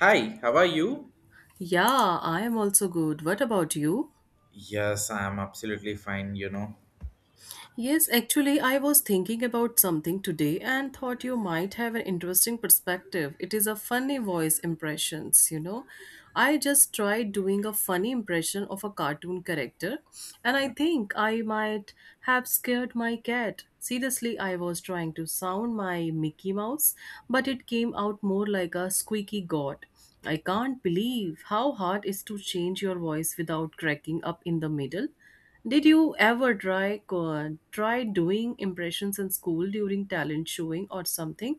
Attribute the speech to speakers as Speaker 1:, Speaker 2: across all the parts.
Speaker 1: Hi, how are you?
Speaker 2: Yeah, I am also good. What about you?
Speaker 1: Yes, I'm absolutely fine, you know.
Speaker 2: Yes, actually, I was thinking about something today and thought you might have an interesting perspective. It is a funny voice impressions, you know. I just tried doing a funny impression of a cartoon character, and I think I might have scared my cat. Seriously, I was trying to sound my Mickey Mouse, but it came out more like a squeaky god. I can't believe how hard it is to change your voice without cracking up in the middle. Did you ever try doing impressions in school during talent showing or something?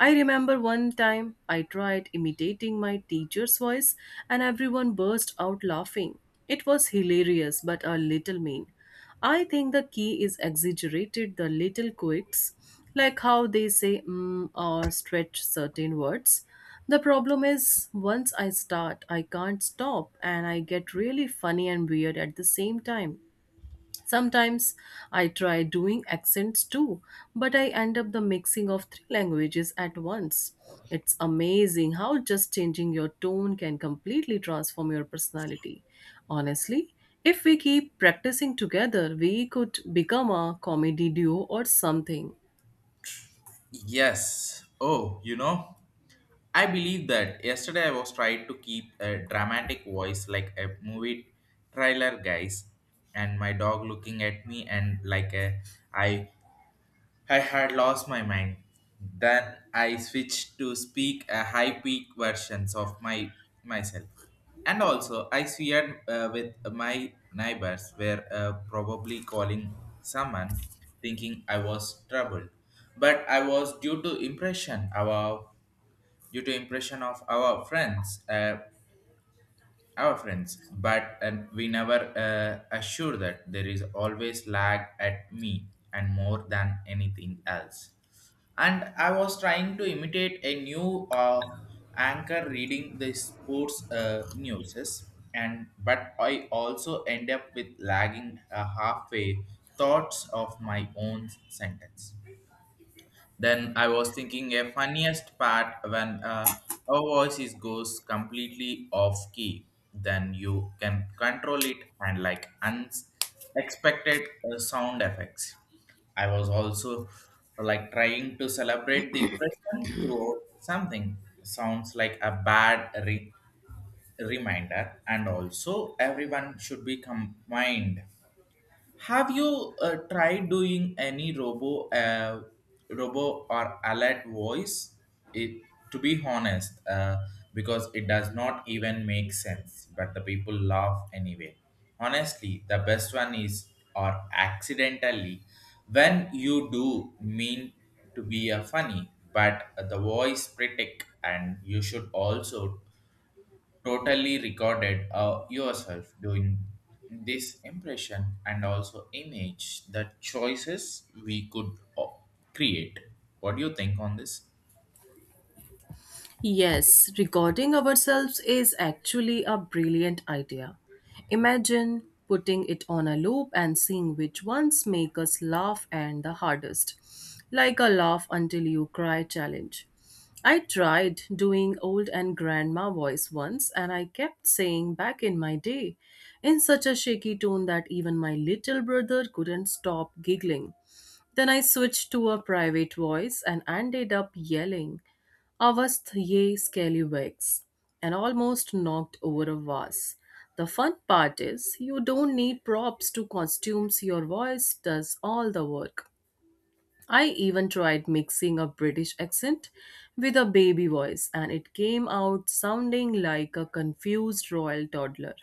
Speaker 2: I remember one time I tried imitating my teacher's voice and everyone burst out laughing. It was hilarious but a little mean. I think the key is exaggerated the little quirks, like how they say or stretch certain words. The problem is, once I start, I can't stop, and I get really funny and weird at the same time. Sometimes I try doing accents too, but I end up the mixing of three languages at once. It's amazing how just changing your tone can completely transform your personality. Honestly, if we keep practicing together, we could become a comedy duo or something.
Speaker 1: Yes. Oh, you know, I believe that yesterday I was trying to keep a dramatic voice like a movie trailer guys and my dog looking at me and like a I I had lost my mind. Then I switched to speak a high peak versions of my myself. And also, I shared with my neighbors were probably calling someone, thinking I was troubled. But I was due to impression of our friends, our friends. But and we never assure that there is always lag at me and more than anything else and I was trying to imitate a new anchor reading the sports newses, and but I also end up with lagging a halfway thoughts of my own sentence. Then I was thinking a funniest part when a voice is goes completely off key. Then you can control it and like unexpected sound effects. I was also like trying to celebrate the impression through something. Sounds like a reminder, and also everyone should be combined. Have you tried doing any robo or alert voice? It, to be honest, because it does not even make sense, but the people laugh anyway. Honestly, the best one is or accidentally when you do mean to be a funny, but the voice critic, and you should also totally recorded yourself doing this impression and also image the choices we could uh, create. What do you think on this?
Speaker 2: Yes, recording ourselves is actually a brilliant idea. Imagine putting it on a loop and seeing which ones make us laugh and the hardest, like a laugh until you cry challenge. I tried doing old and grandma voice once and I kept saying back in my day in such a shaky tone that even my little brother couldn't stop giggling. Then I switched to a private voice and ended up yelling I was three scallywags and almost knocked over a vase. The fun part is you don't need props to costumes, your voice does all the work. I even tried mixing a British accent with a baby voice and it came out sounding like a confused royal toddler.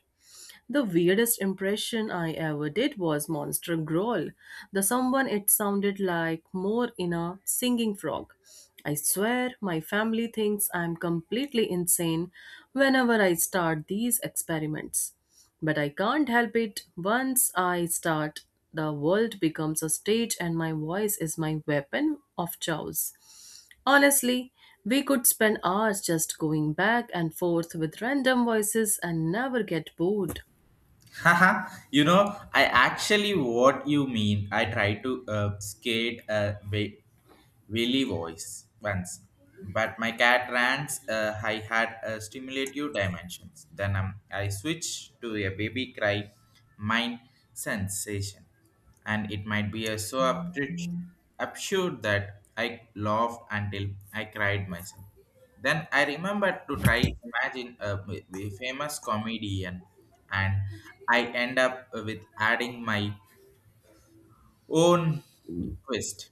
Speaker 2: The weirdest impression I ever did was Monster Growl. The someone it sounded like more in a singing frog. I swear my family thinks I'm completely insane whenever I start these experiments. But I can't help it. Once I start, the world becomes a stage and my voice is my weapon of choice. Honestly, we could spend hours just going back and forth with random voices and never get bored.
Speaker 1: Haha, you know, I actually what you mean. I tried to wa- willy voice once but my cat rants, I had stimulative dimensions. Then I switched to a baby cry mind sensation, and it might be a so absurd that I laughed until I cried myself. Then I remembered to try imagine a famous comedian, and I end up with adding my own twist,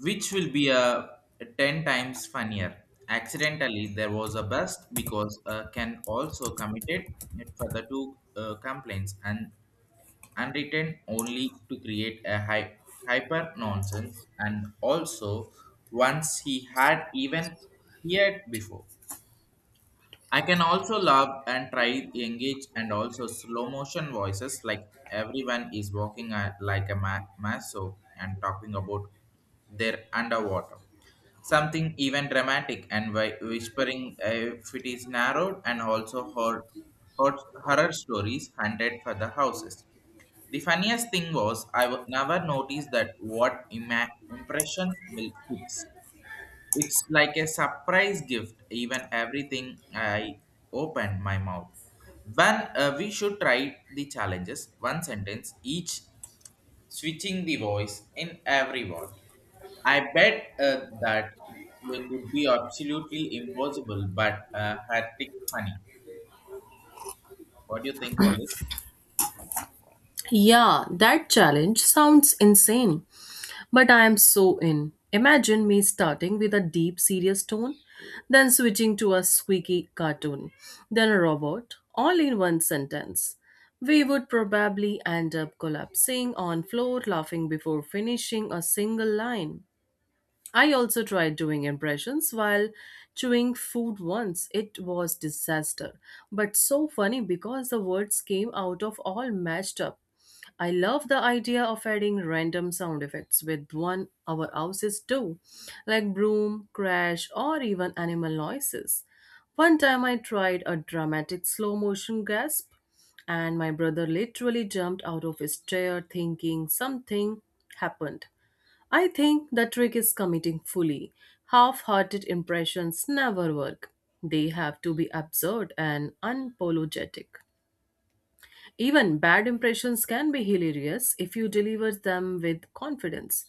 Speaker 1: which will be a ten times funnier. Accidentally, there was a bust because can also committed for the two complaints and written only to create a hyper nonsense and also once he had even heard before. I can also love and try engage and also slow motion voices like everyone is like maso and talking about their underwater. Something even dramatic and whispering if it is narrowed and also horror stories hunted for the houses. The funniest thing was I would never noticed that what impression will fix. It's like a surprise gift, even everything I opened my mouth. When we should try the challenges, one sentence each, switching the voice in every word. I bet that they would be absolutely impossible, but her tick funny. What do you think on this?
Speaker 2: Yeah, that challenge sounds insane, but I am so in. Imagine me starting with a deep, serious tone, then switching to a squeaky cartoon, then a robot, all in one sentence. We would probably end up collapsing on floor laughing before finishing a single line. I also tried doing impressions while chewing food once. It was disaster, but so funny because the words came out of all matched up. I love the idea of adding random sound effects with one our houses too, like broom, crash, or even animal noises. One time I tried a dramatic slow motion gasp, and my brother literally jumped out of his chair thinking something happened. I think the trick is committing fully. Half hearted impressions never work, they have to be absurd and unapologetic. Even bad impressions can be hilarious if you deliver them with confidence.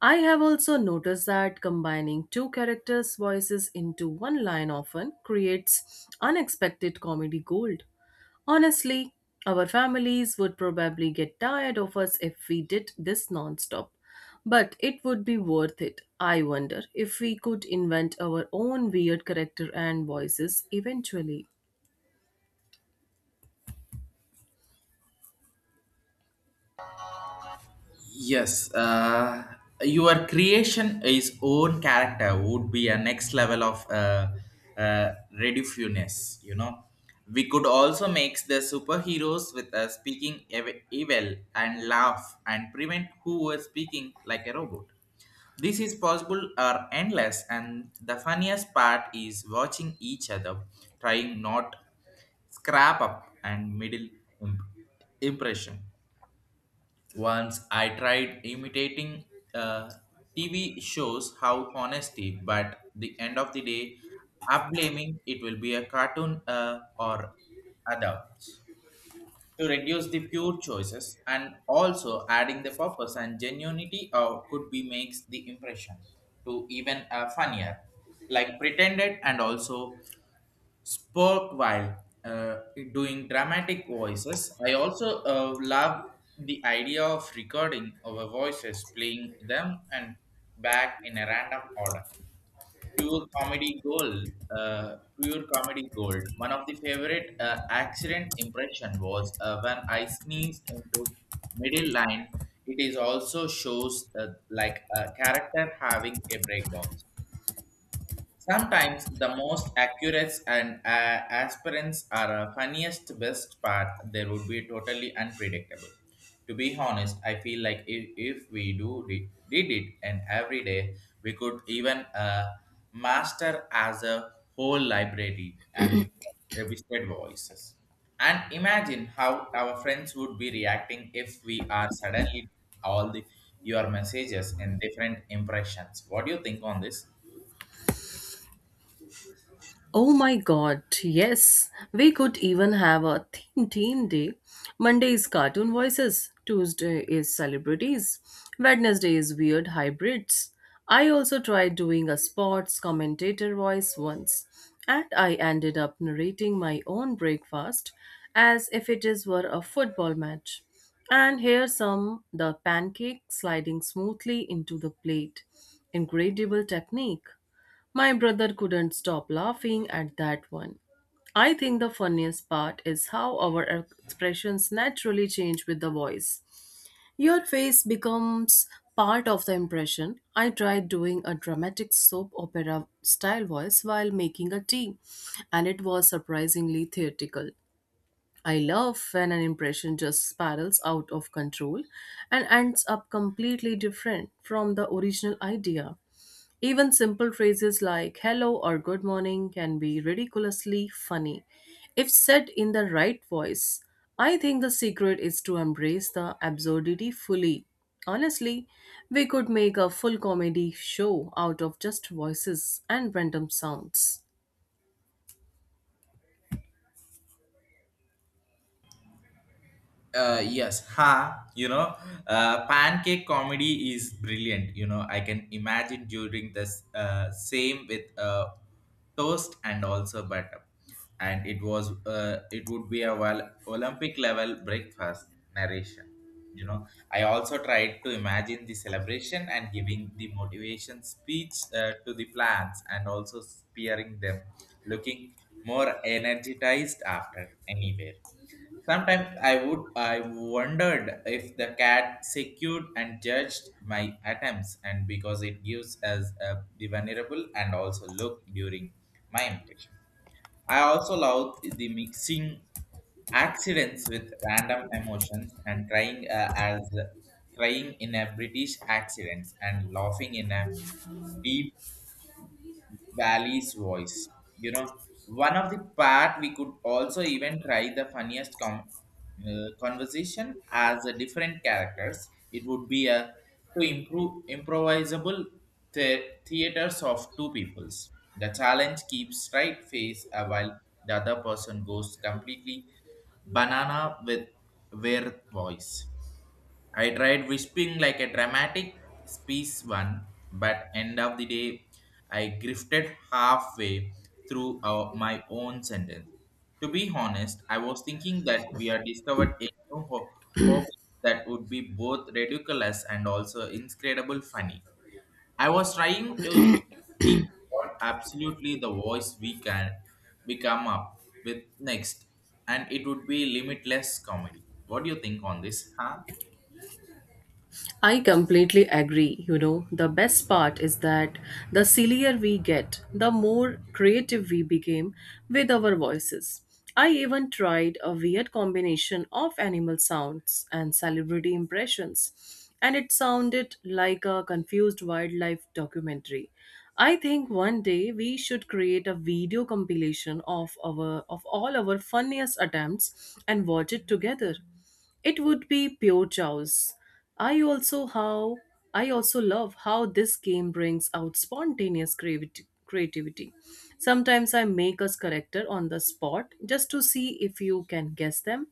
Speaker 2: I have also noticed that combining two characters' voices into one line often creates unexpected comedy gold. Honestly, our families would probably get tired of us if we did this non-stop. But it would be worth it. I wonder if we could invent our own weird character and voices eventually.
Speaker 1: Yes, your creation is own character would be a next level of uh, rediffuseness, you know. We could also make the superheroes with speaking evil and laugh and prevent who was speaking like a robot. This is possible or endless, and the funniest part is watching each other trying not scrap up and middle imp- impression. Once I tried imitating uh, TV shows how honesty, but the end of the day, I'm blaming it will be a cartoon or adults to reduce the pure choices, and also adding the purpose and genuinity could be makes the impression to even funnier like pretended and also spoke while doing dramatic voices. I also love the idea of recording our voices, playing them and back in a random order. Pure comedy gold, Pure comedy gold. One of the favorite accident impression was when I sneezed into middle line. It is also shows like a character having a breakdown. Sometimes the most accurate and aspirants are funniest best part there would be totally unpredictable. To be honest, I feel like if we did it and every day we could even master as a whole library and registered voices. And imagine how our friends would be reacting if we are suddenly all the your messages in different impressions. What do you think on this?
Speaker 2: Oh my god, yes. We could even have a theme team day. Monday is cartoon voices, Tuesday is celebrities, Wednesday is weird hybrids. I also tried doing a sports commentator voice once, and I ended up narrating my own breakfast as if it is were a football match. And here some the pancake sliding smoothly into the plate. Incredible technique. My brother couldn't stop laughing at that one. I think the funniest part is how our expressions naturally change with the voice. Your face becomes part of the impression. I tried doing a dramatic soap opera style voice while making a tea, and it was surprisingly theatrical. I love when an impression just spirals out of control and ends up completely different from the original idea. Even simple phrases like hello or good morning can be ridiculously funny if said in the right voice. I think the secret is to embrace the absurdity fully. Honestly, we could make a full comedy show out of just voices and random sounds.
Speaker 1: Yes, ha, you know, pancake comedy is brilliant, you know. I can imagine during this same with toast and also butter, and it was it would be a well, olympic level breakfast narration, you know. I also tried to imagine the celebration and giving the motivation speech to the plants and also spearing them looking more energized after anywhere. Sometimes I wondered if the cat secured and judged my attempts, and because it gives us a the vulnerable and also look during my impression. I also love the mixing accidents with random emotions and crying in a British accidents and laughing in a deep Valley's voice. You know, one of the part we could also even try the funniest conversation as a different characters. It would be a to improve improvisable theaters of two peoples. The challenge keeps straight face while the other person goes completely banana with their voice. I tried whispering like a dramatic speech one, but end of the day, I grifted halfway through my own sentence. To be honest, I was thinking that we had discovered a new hobby that would be both ridiculous and also incredible funny. I was trying to speak what absolutely the voice we come up with next, and it would be limitless comedy. What do you think on this, huh?
Speaker 2: I completely agree. You know, the best part is that the sillier we get, the more creative we became with our voices. I even tried a weird combination of animal sounds and celebrity impressions, and it sounded like a confused wildlife documentary. I think one day we should create a video compilation of our of all our funniest attempts and watch it together. It would be pure chaos. I also how I also love how this game brings out spontaneous creativity. Sometimes I make a character on the spot just to see if you can guess them.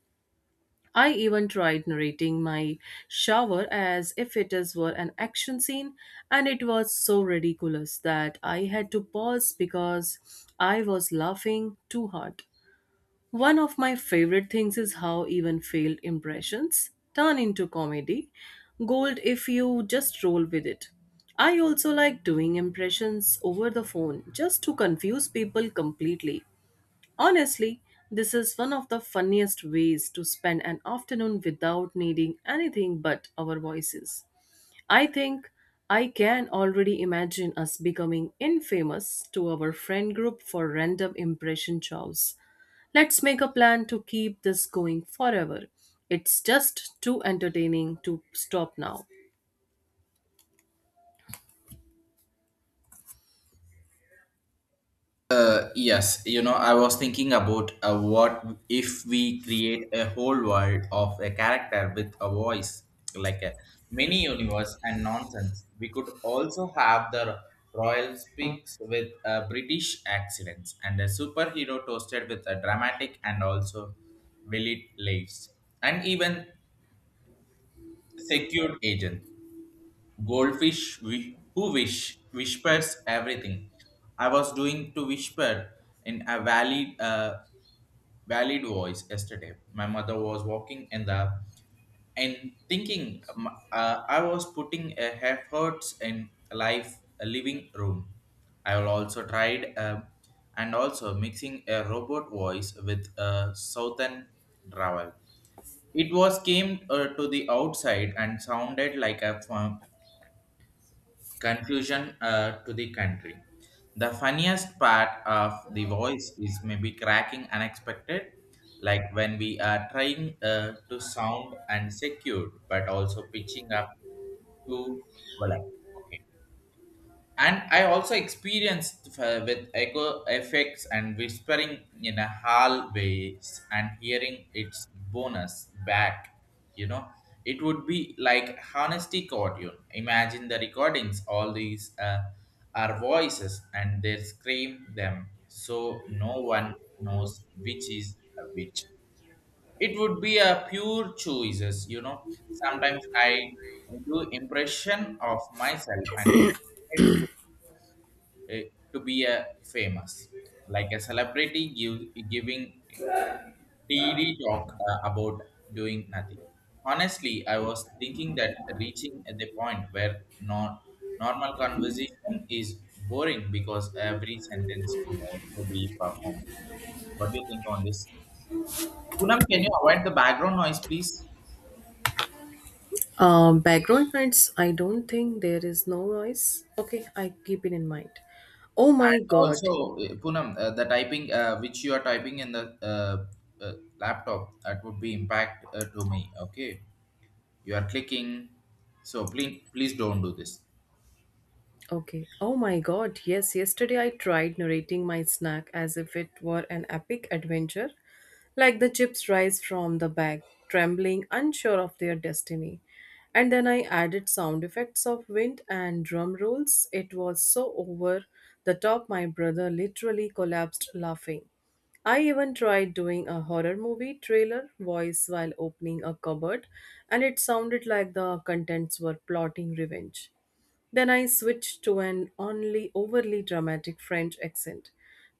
Speaker 2: I even tried narrating my shower as if it is were an action scene and it was so ridiculous that I had to pause because I was laughing too hard. One of my favorite things is how even failed impressions turn into comedy gold if you just roll with it. I also like doing impressions over the phone just to confuse people completely. Honestly, this is one of the funniest ways to spend an afternoon without needing anything but our voices. I think I can already imagine us becoming infamous to our friend group for random impression chows. Let's make a plan to keep this going forever. It's just too entertaining to stop now.
Speaker 1: Yes, you know, I was thinking about what if we create a whole world of a character with a voice, like a mini universe and nonsense. We could also have the royal speaks with British accents, and a superhero toasted with a dramatic and also valid lives, and even secured agent. Goldfish wi- who wish whispers everything. I was doing to whisper in a valid voice yesterday. My mother was walking in the and thinking I was putting a efforts in life a living room. I will also tried and also mixing a robot voice with a southern drawl. It was came to the outside and sounded like a farm confusion to the country. The funniest part of the voice is maybe cracking unexpected, like when we are trying to sound and secure, but also pitching up to well, okay. And I also experienced with echo effects and whispering in a hallways and hearing its bonus back, you know. It would be like honesty cartoon. Imagine the recordings all these are voices, and they scream them so no one knows which is which. It would be a pure choices, you know. Sometimes I do impression of myself and it, eh, to be a famous like a celebrity giving TED talk about doing nothing. Honestly, I was thinking that reaching at the point where non normal conversation is boring because every sentence can also be performed. What do you think on this? Punam, can you avoid the background noise, please?
Speaker 2: Background noise. I don't think there is no noise. Okay, I keep it in mind. Oh my
Speaker 1: And
Speaker 2: god,
Speaker 1: also, Punam, the typing which you are typing in the uh, uh, laptop, that would be impact to me. Okay, you are clicking, so please don't do this.
Speaker 2: Okay. Oh my god, yes, yesterday I tried narrating my snack as if it were an epic adventure, like the chips rise from the bag, trembling, unsure of their destiny. And then I added sound effects of wind and drum rolls. It was so over the top, my brother literally collapsed laughing. I even tried doing a horror movie trailer voice while opening a cupboard, and it sounded like the contents were plotting revenge. Then I switched to an only overly dramatic French accent,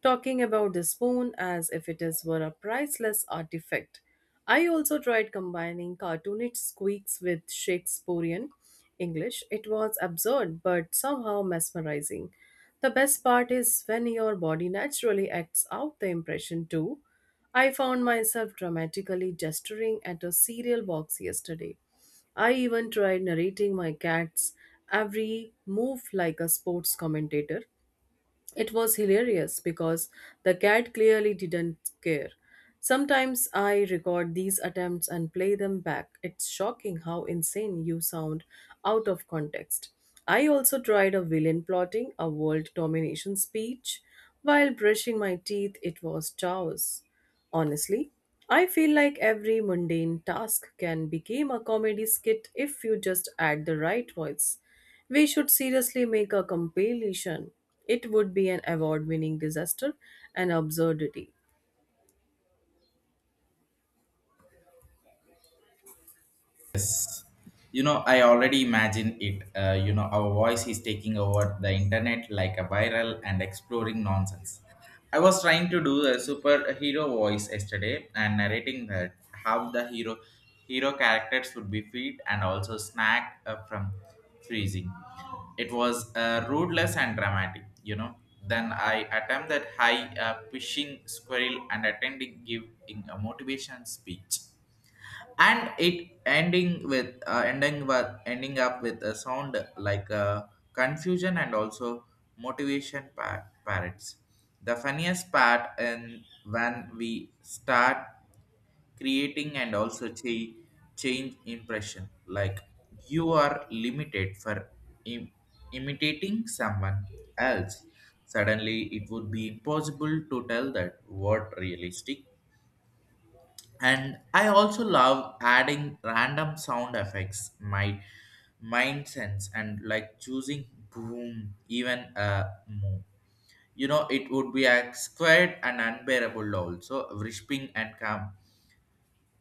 Speaker 2: talking about the spoon as if it is were a priceless artifact. I also tried combining cartoonish squeaks with Shakespearean English. It was absurd but somehow mesmerizing. The best part is when your body naturally acts out the impression too. I found myself dramatically gesturing at a cereal box yesterday. I even tried narrating my cat's every move like a sports commentator. It was hilarious because the cat clearly didn't care. Sometimes I record these attempts and play them back. It's shocking how insane you sound out of context. I also tried a villain plotting a world domination speech while brushing my teeth. It was chaos. Honestly, I feel like every mundane task can become a comedy skit if you just add the right voice. We should seriously make a compilation. It would be an award winning disaster and absurdity.
Speaker 1: Yes. You know, I already imagine it. You know, our voice is taking over the internet like a viral and exploring nonsense. I was trying to do a superhero voice yesterday and narrating that how the hero characters would be feed and also snack from freezing. It was rootless and dramatic, you know. Then I attempt that high pushing squirrel and attending giving a motivation speech, and it ending up with a sound like confusion and also motivation parrots. The funniest part and when we start creating and also change impression, like you are limited for Im- imitating someone else, suddenly it would be impossible to tell that what realistic. And I also love adding random sound effects, my mind sense, and like choosing boom, even moo, you know. It would be a squared and unbearable, also whispering and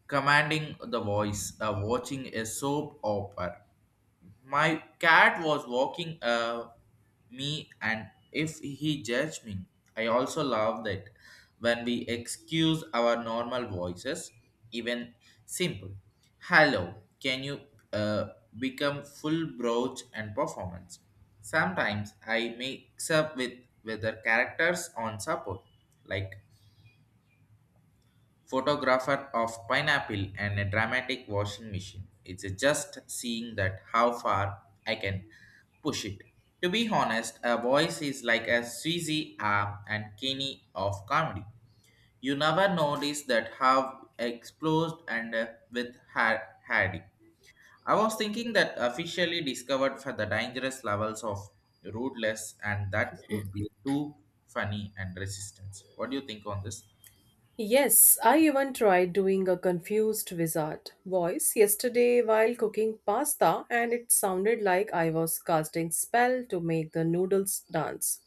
Speaker 1: commanding the voice watching a soap opera. My cat was walking me, and if he judged me, I also love that when we excuse our normal voices, even simple. Hello, can you uh, become full broach and performance? Sometimes I mix up with whether characters on support, like photographer of pineapple and a dramatic washing machine. It's just seeing that how far I can push it. To be honest, a voice is like a Swiss arm and kenny of comedy. You never notice that how exposed and Hardy. I was thinking that officially discovered for the dangerous levels of rudeness, and that would be too funny and resistance. What do you think on this?
Speaker 2: Yes, I even tried doing a confused wizard voice yesterday while cooking pasta, and it sounded like I was casting spell to make the noodles dance.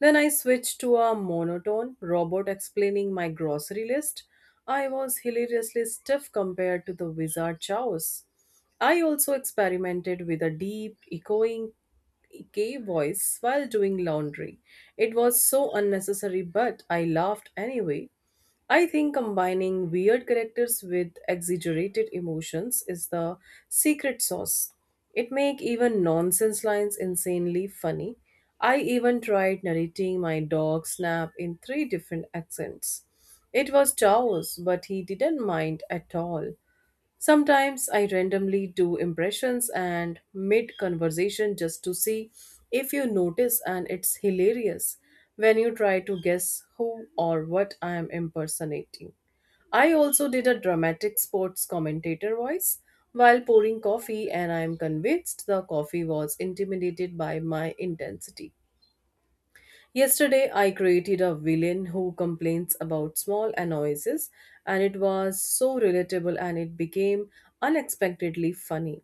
Speaker 2: Then I switched to a monotone robot explaining my grocery list. I was hilariously stiff compared to the wizard Chaos. I also experimented with a deep, echoing gay voice while doing laundry. It was so unnecessary, but I laughed anyway. I think combining weird characters with exaggerated emotions is the secret sauce. It make even nonsense lines insanely funny. I even tried narrating my dog Snap in three different accents. It was Chaos, but he didn't mind at all. Sometimes I randomly do impressions and mid conversation just to see if you notice, and it's hilarious when you try to guess who or what I am impersonating. I also did a dramatic sports commentator voice while pouring coffee, and I am convinced the coffee was intimidated by my intensity. Yesterday, I created a villain who complains about small annoyances, and it was so relatable and it became unexpectedly funny.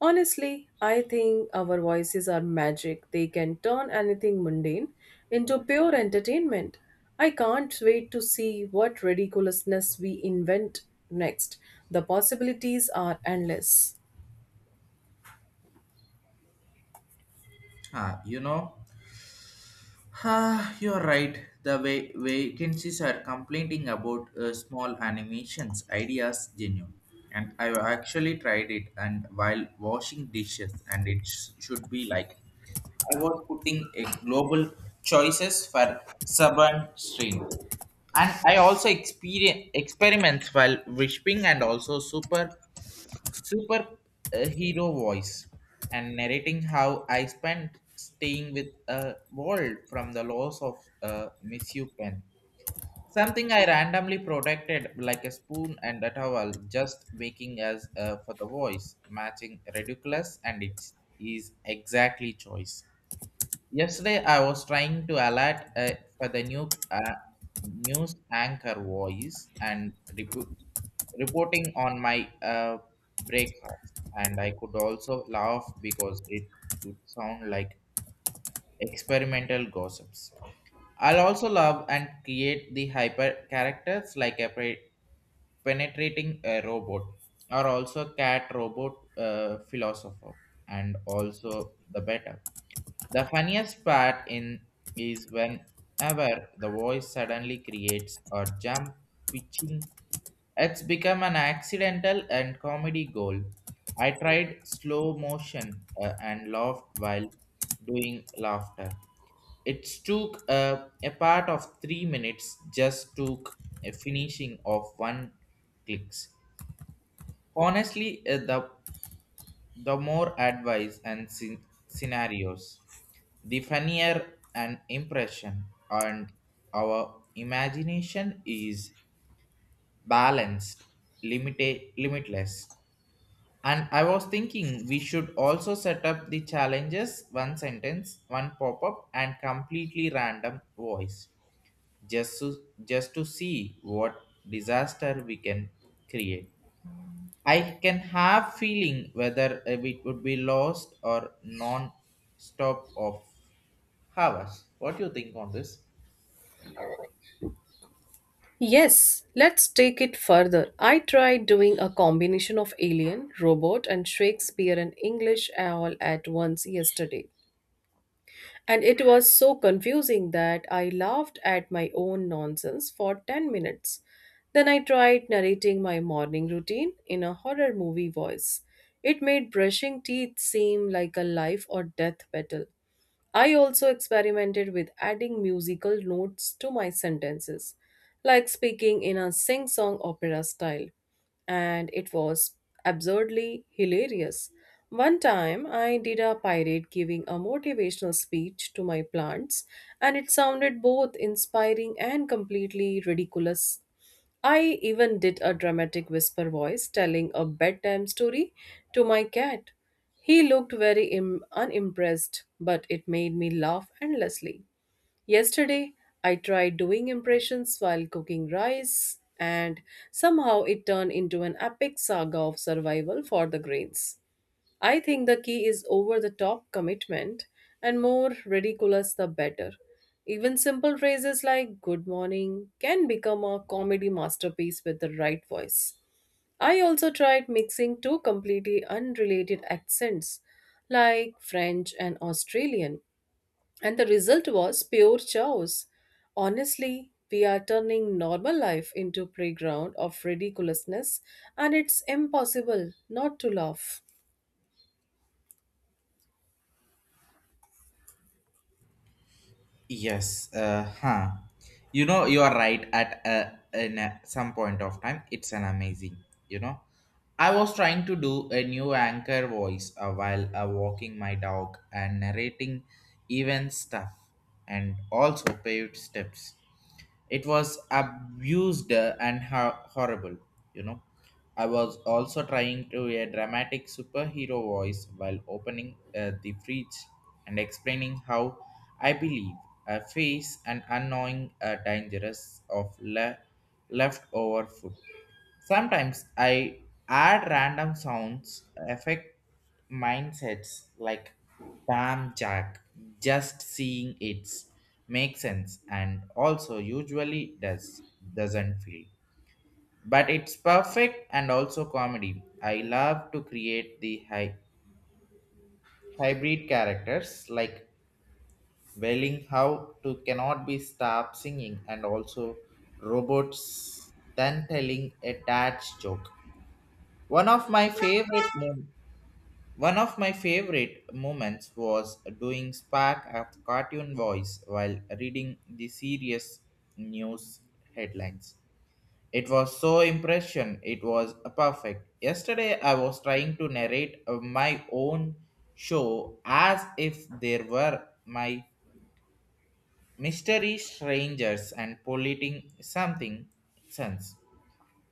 Speaker 2: Honestly, I think our voices are magic. They can turn anything mundane into pure entertainment. I can't wait to see what ridiculousness we invent next. The possibilities are endless.
Speaker 1: Ah, you know. Ah, you're right. The vacancies are complaining about small animations ideas genuine. And I actually tried it and while washing dishes and it should be like I was putting a global choices for suburban strain. And I also experience experiments while whispering and also super hero voice and narrating how I spent staying with a world from the loss of a misuse pen. Something I randomly protected like a spoon and a towel, just making us for the voice matching ridiculous and it is exactly choice. Yesterday, I was trying to alert for the news anchor voice and reporting on my breakfast, and I could also laugh because it would sound like experimental gossips. I'll also love and create the hyper characters like a penetrating a robot or also cat robot philosopher and also the funniest part in is whenever the voice suddenly creates or jump pitching, it's become an accidental and comedy goal. I tried slow motion and laughed while doing laughter. It took a part of 3 minutes, just took a finishing of one clicks. Honestly, the more advice and scenarios the funnier an impression and our imagination is balanced limited limitless and I was thinking we should also set up the challenges, one sentence, one pop-up and completely random voice just to just to see what disaster we can create. I can have feeling whether it would be lost or non-stop of hours. What do you think on this?
Speaker 2: Yes, let's take it further. I tried doing a combination of Alien, Robot, and Shakespeare in English all at once yesterday. And it was so confusing that I laughed at my own nonsense for 10 minutes. Then I tried narrating my morning routine in a horror movie voice. It made brushing teeth seem like a life or death battle. I also experimented with adding musical notes to my sentences, like speaking in a sing song opera style, and it was absurdly hilarious. One time, I did a pirate giving a motivational speech to my plants, and it sounded both inspiring and completely ridiculous. I even did a dramatic whisper voice telling a bedtime story to my cat. He looked very unimpressed, but it made me laugh endlessly. Yesterday, I tried doing impressions while cooking rice, and somehow it turned into an epic saga of survival for the grains. I think the key is over the top commitment, and more ridiculous the better. Even simple phrases like good morning can become a comedy masterpiece with the right voice. I also tried mixing two completely unrelated accents like French and Australian, and the result was pure chaos. Honestly, we are turning normal life into playground of ridiculousness and it's impossible not to laugh.
Speaker 1: Yes, huh. You know, you are right. At in some point of time, it's an amazing. You know, I was trying to do a new anchor voice while walking my dog and narrating event stuff and also paved steps. It was abused and horrible, you know. I was also trying to a dramatic superhero voice while opening the fridge and explaining how I believe I face an annoying dangerous of leftover food. Sometimes I add random sounds, affect mindsets like bam jack, just seeing it makes sense and also usually does doesn't feel. But it's perfect and also comedy. I love to create the hybrid characters like Welling how to cannot be stop singing and also robots then telling a dad joke. One of my favorite mom- One of my favorite moments was doing Spark at Cartoon Voice while reading the serious news headlines. It was so impression. It was perfect. Yesterday, I was trying to narrate my own show as if there were my mystery strangers and polluting something sense.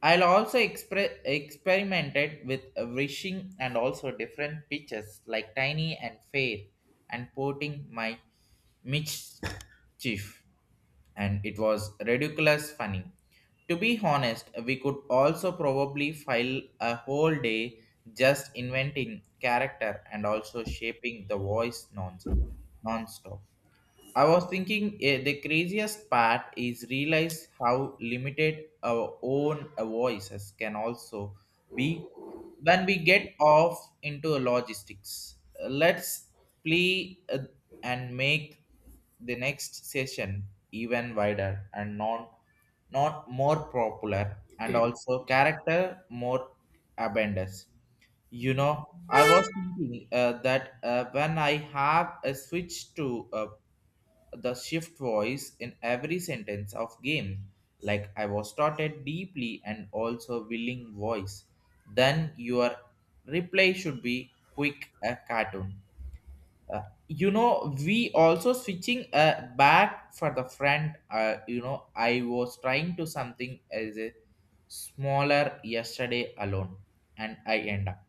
Speaker 1: I'll also experimented with wishing and also different pitches like tiny and fair and porting my mischief, and it was ridiculous funny. To be honest, we could also probably file a whole day just inventing character and also shaping the voice nonsense non-stop. I was thinking the craziest part is realize how limited our own voices can also be when we get off into logistics. Let's play and make the next session even wider and not more popular and also character more abundance. You know, I was thinking that when I have a switch to the shift voice in every sentence of game, like I was taught a deeply and also willing voice, then your reply should be quick a cartoon. You know, we also switching back for the front. You know, I was trying to something as a smaller yesterday alone, and I end up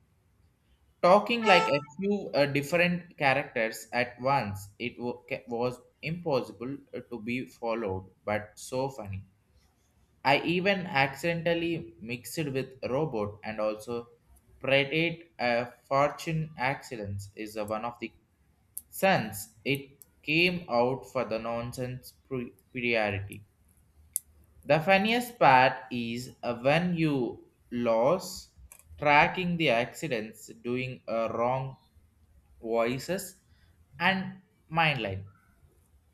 Speaker 1: talking like a few different characters at once. It was impossible to be followed, but so funny. I even accidentally mixed with robot and also predate a fortune accidents is one of the sons. It came out for the nonsense priority. The funniest part is when you lose tracking the accidents, doing wrong voices, and mind line.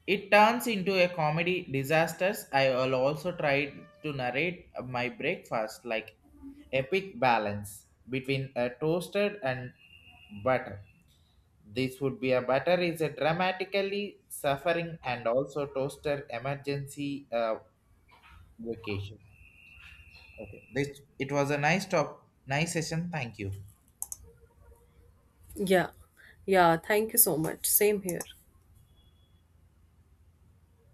Speaker 1: It turns into a comedy disasters. I will also try to narrate my breakfast like epic balance between a toasted and butter. This would be a butter is a dramatically suffering and also toaster emergency vacation. Okay. This it was a nice talk, nice session. Thank you.
Speaker 2: Yeah. Yeah. Thank you so much. Same here.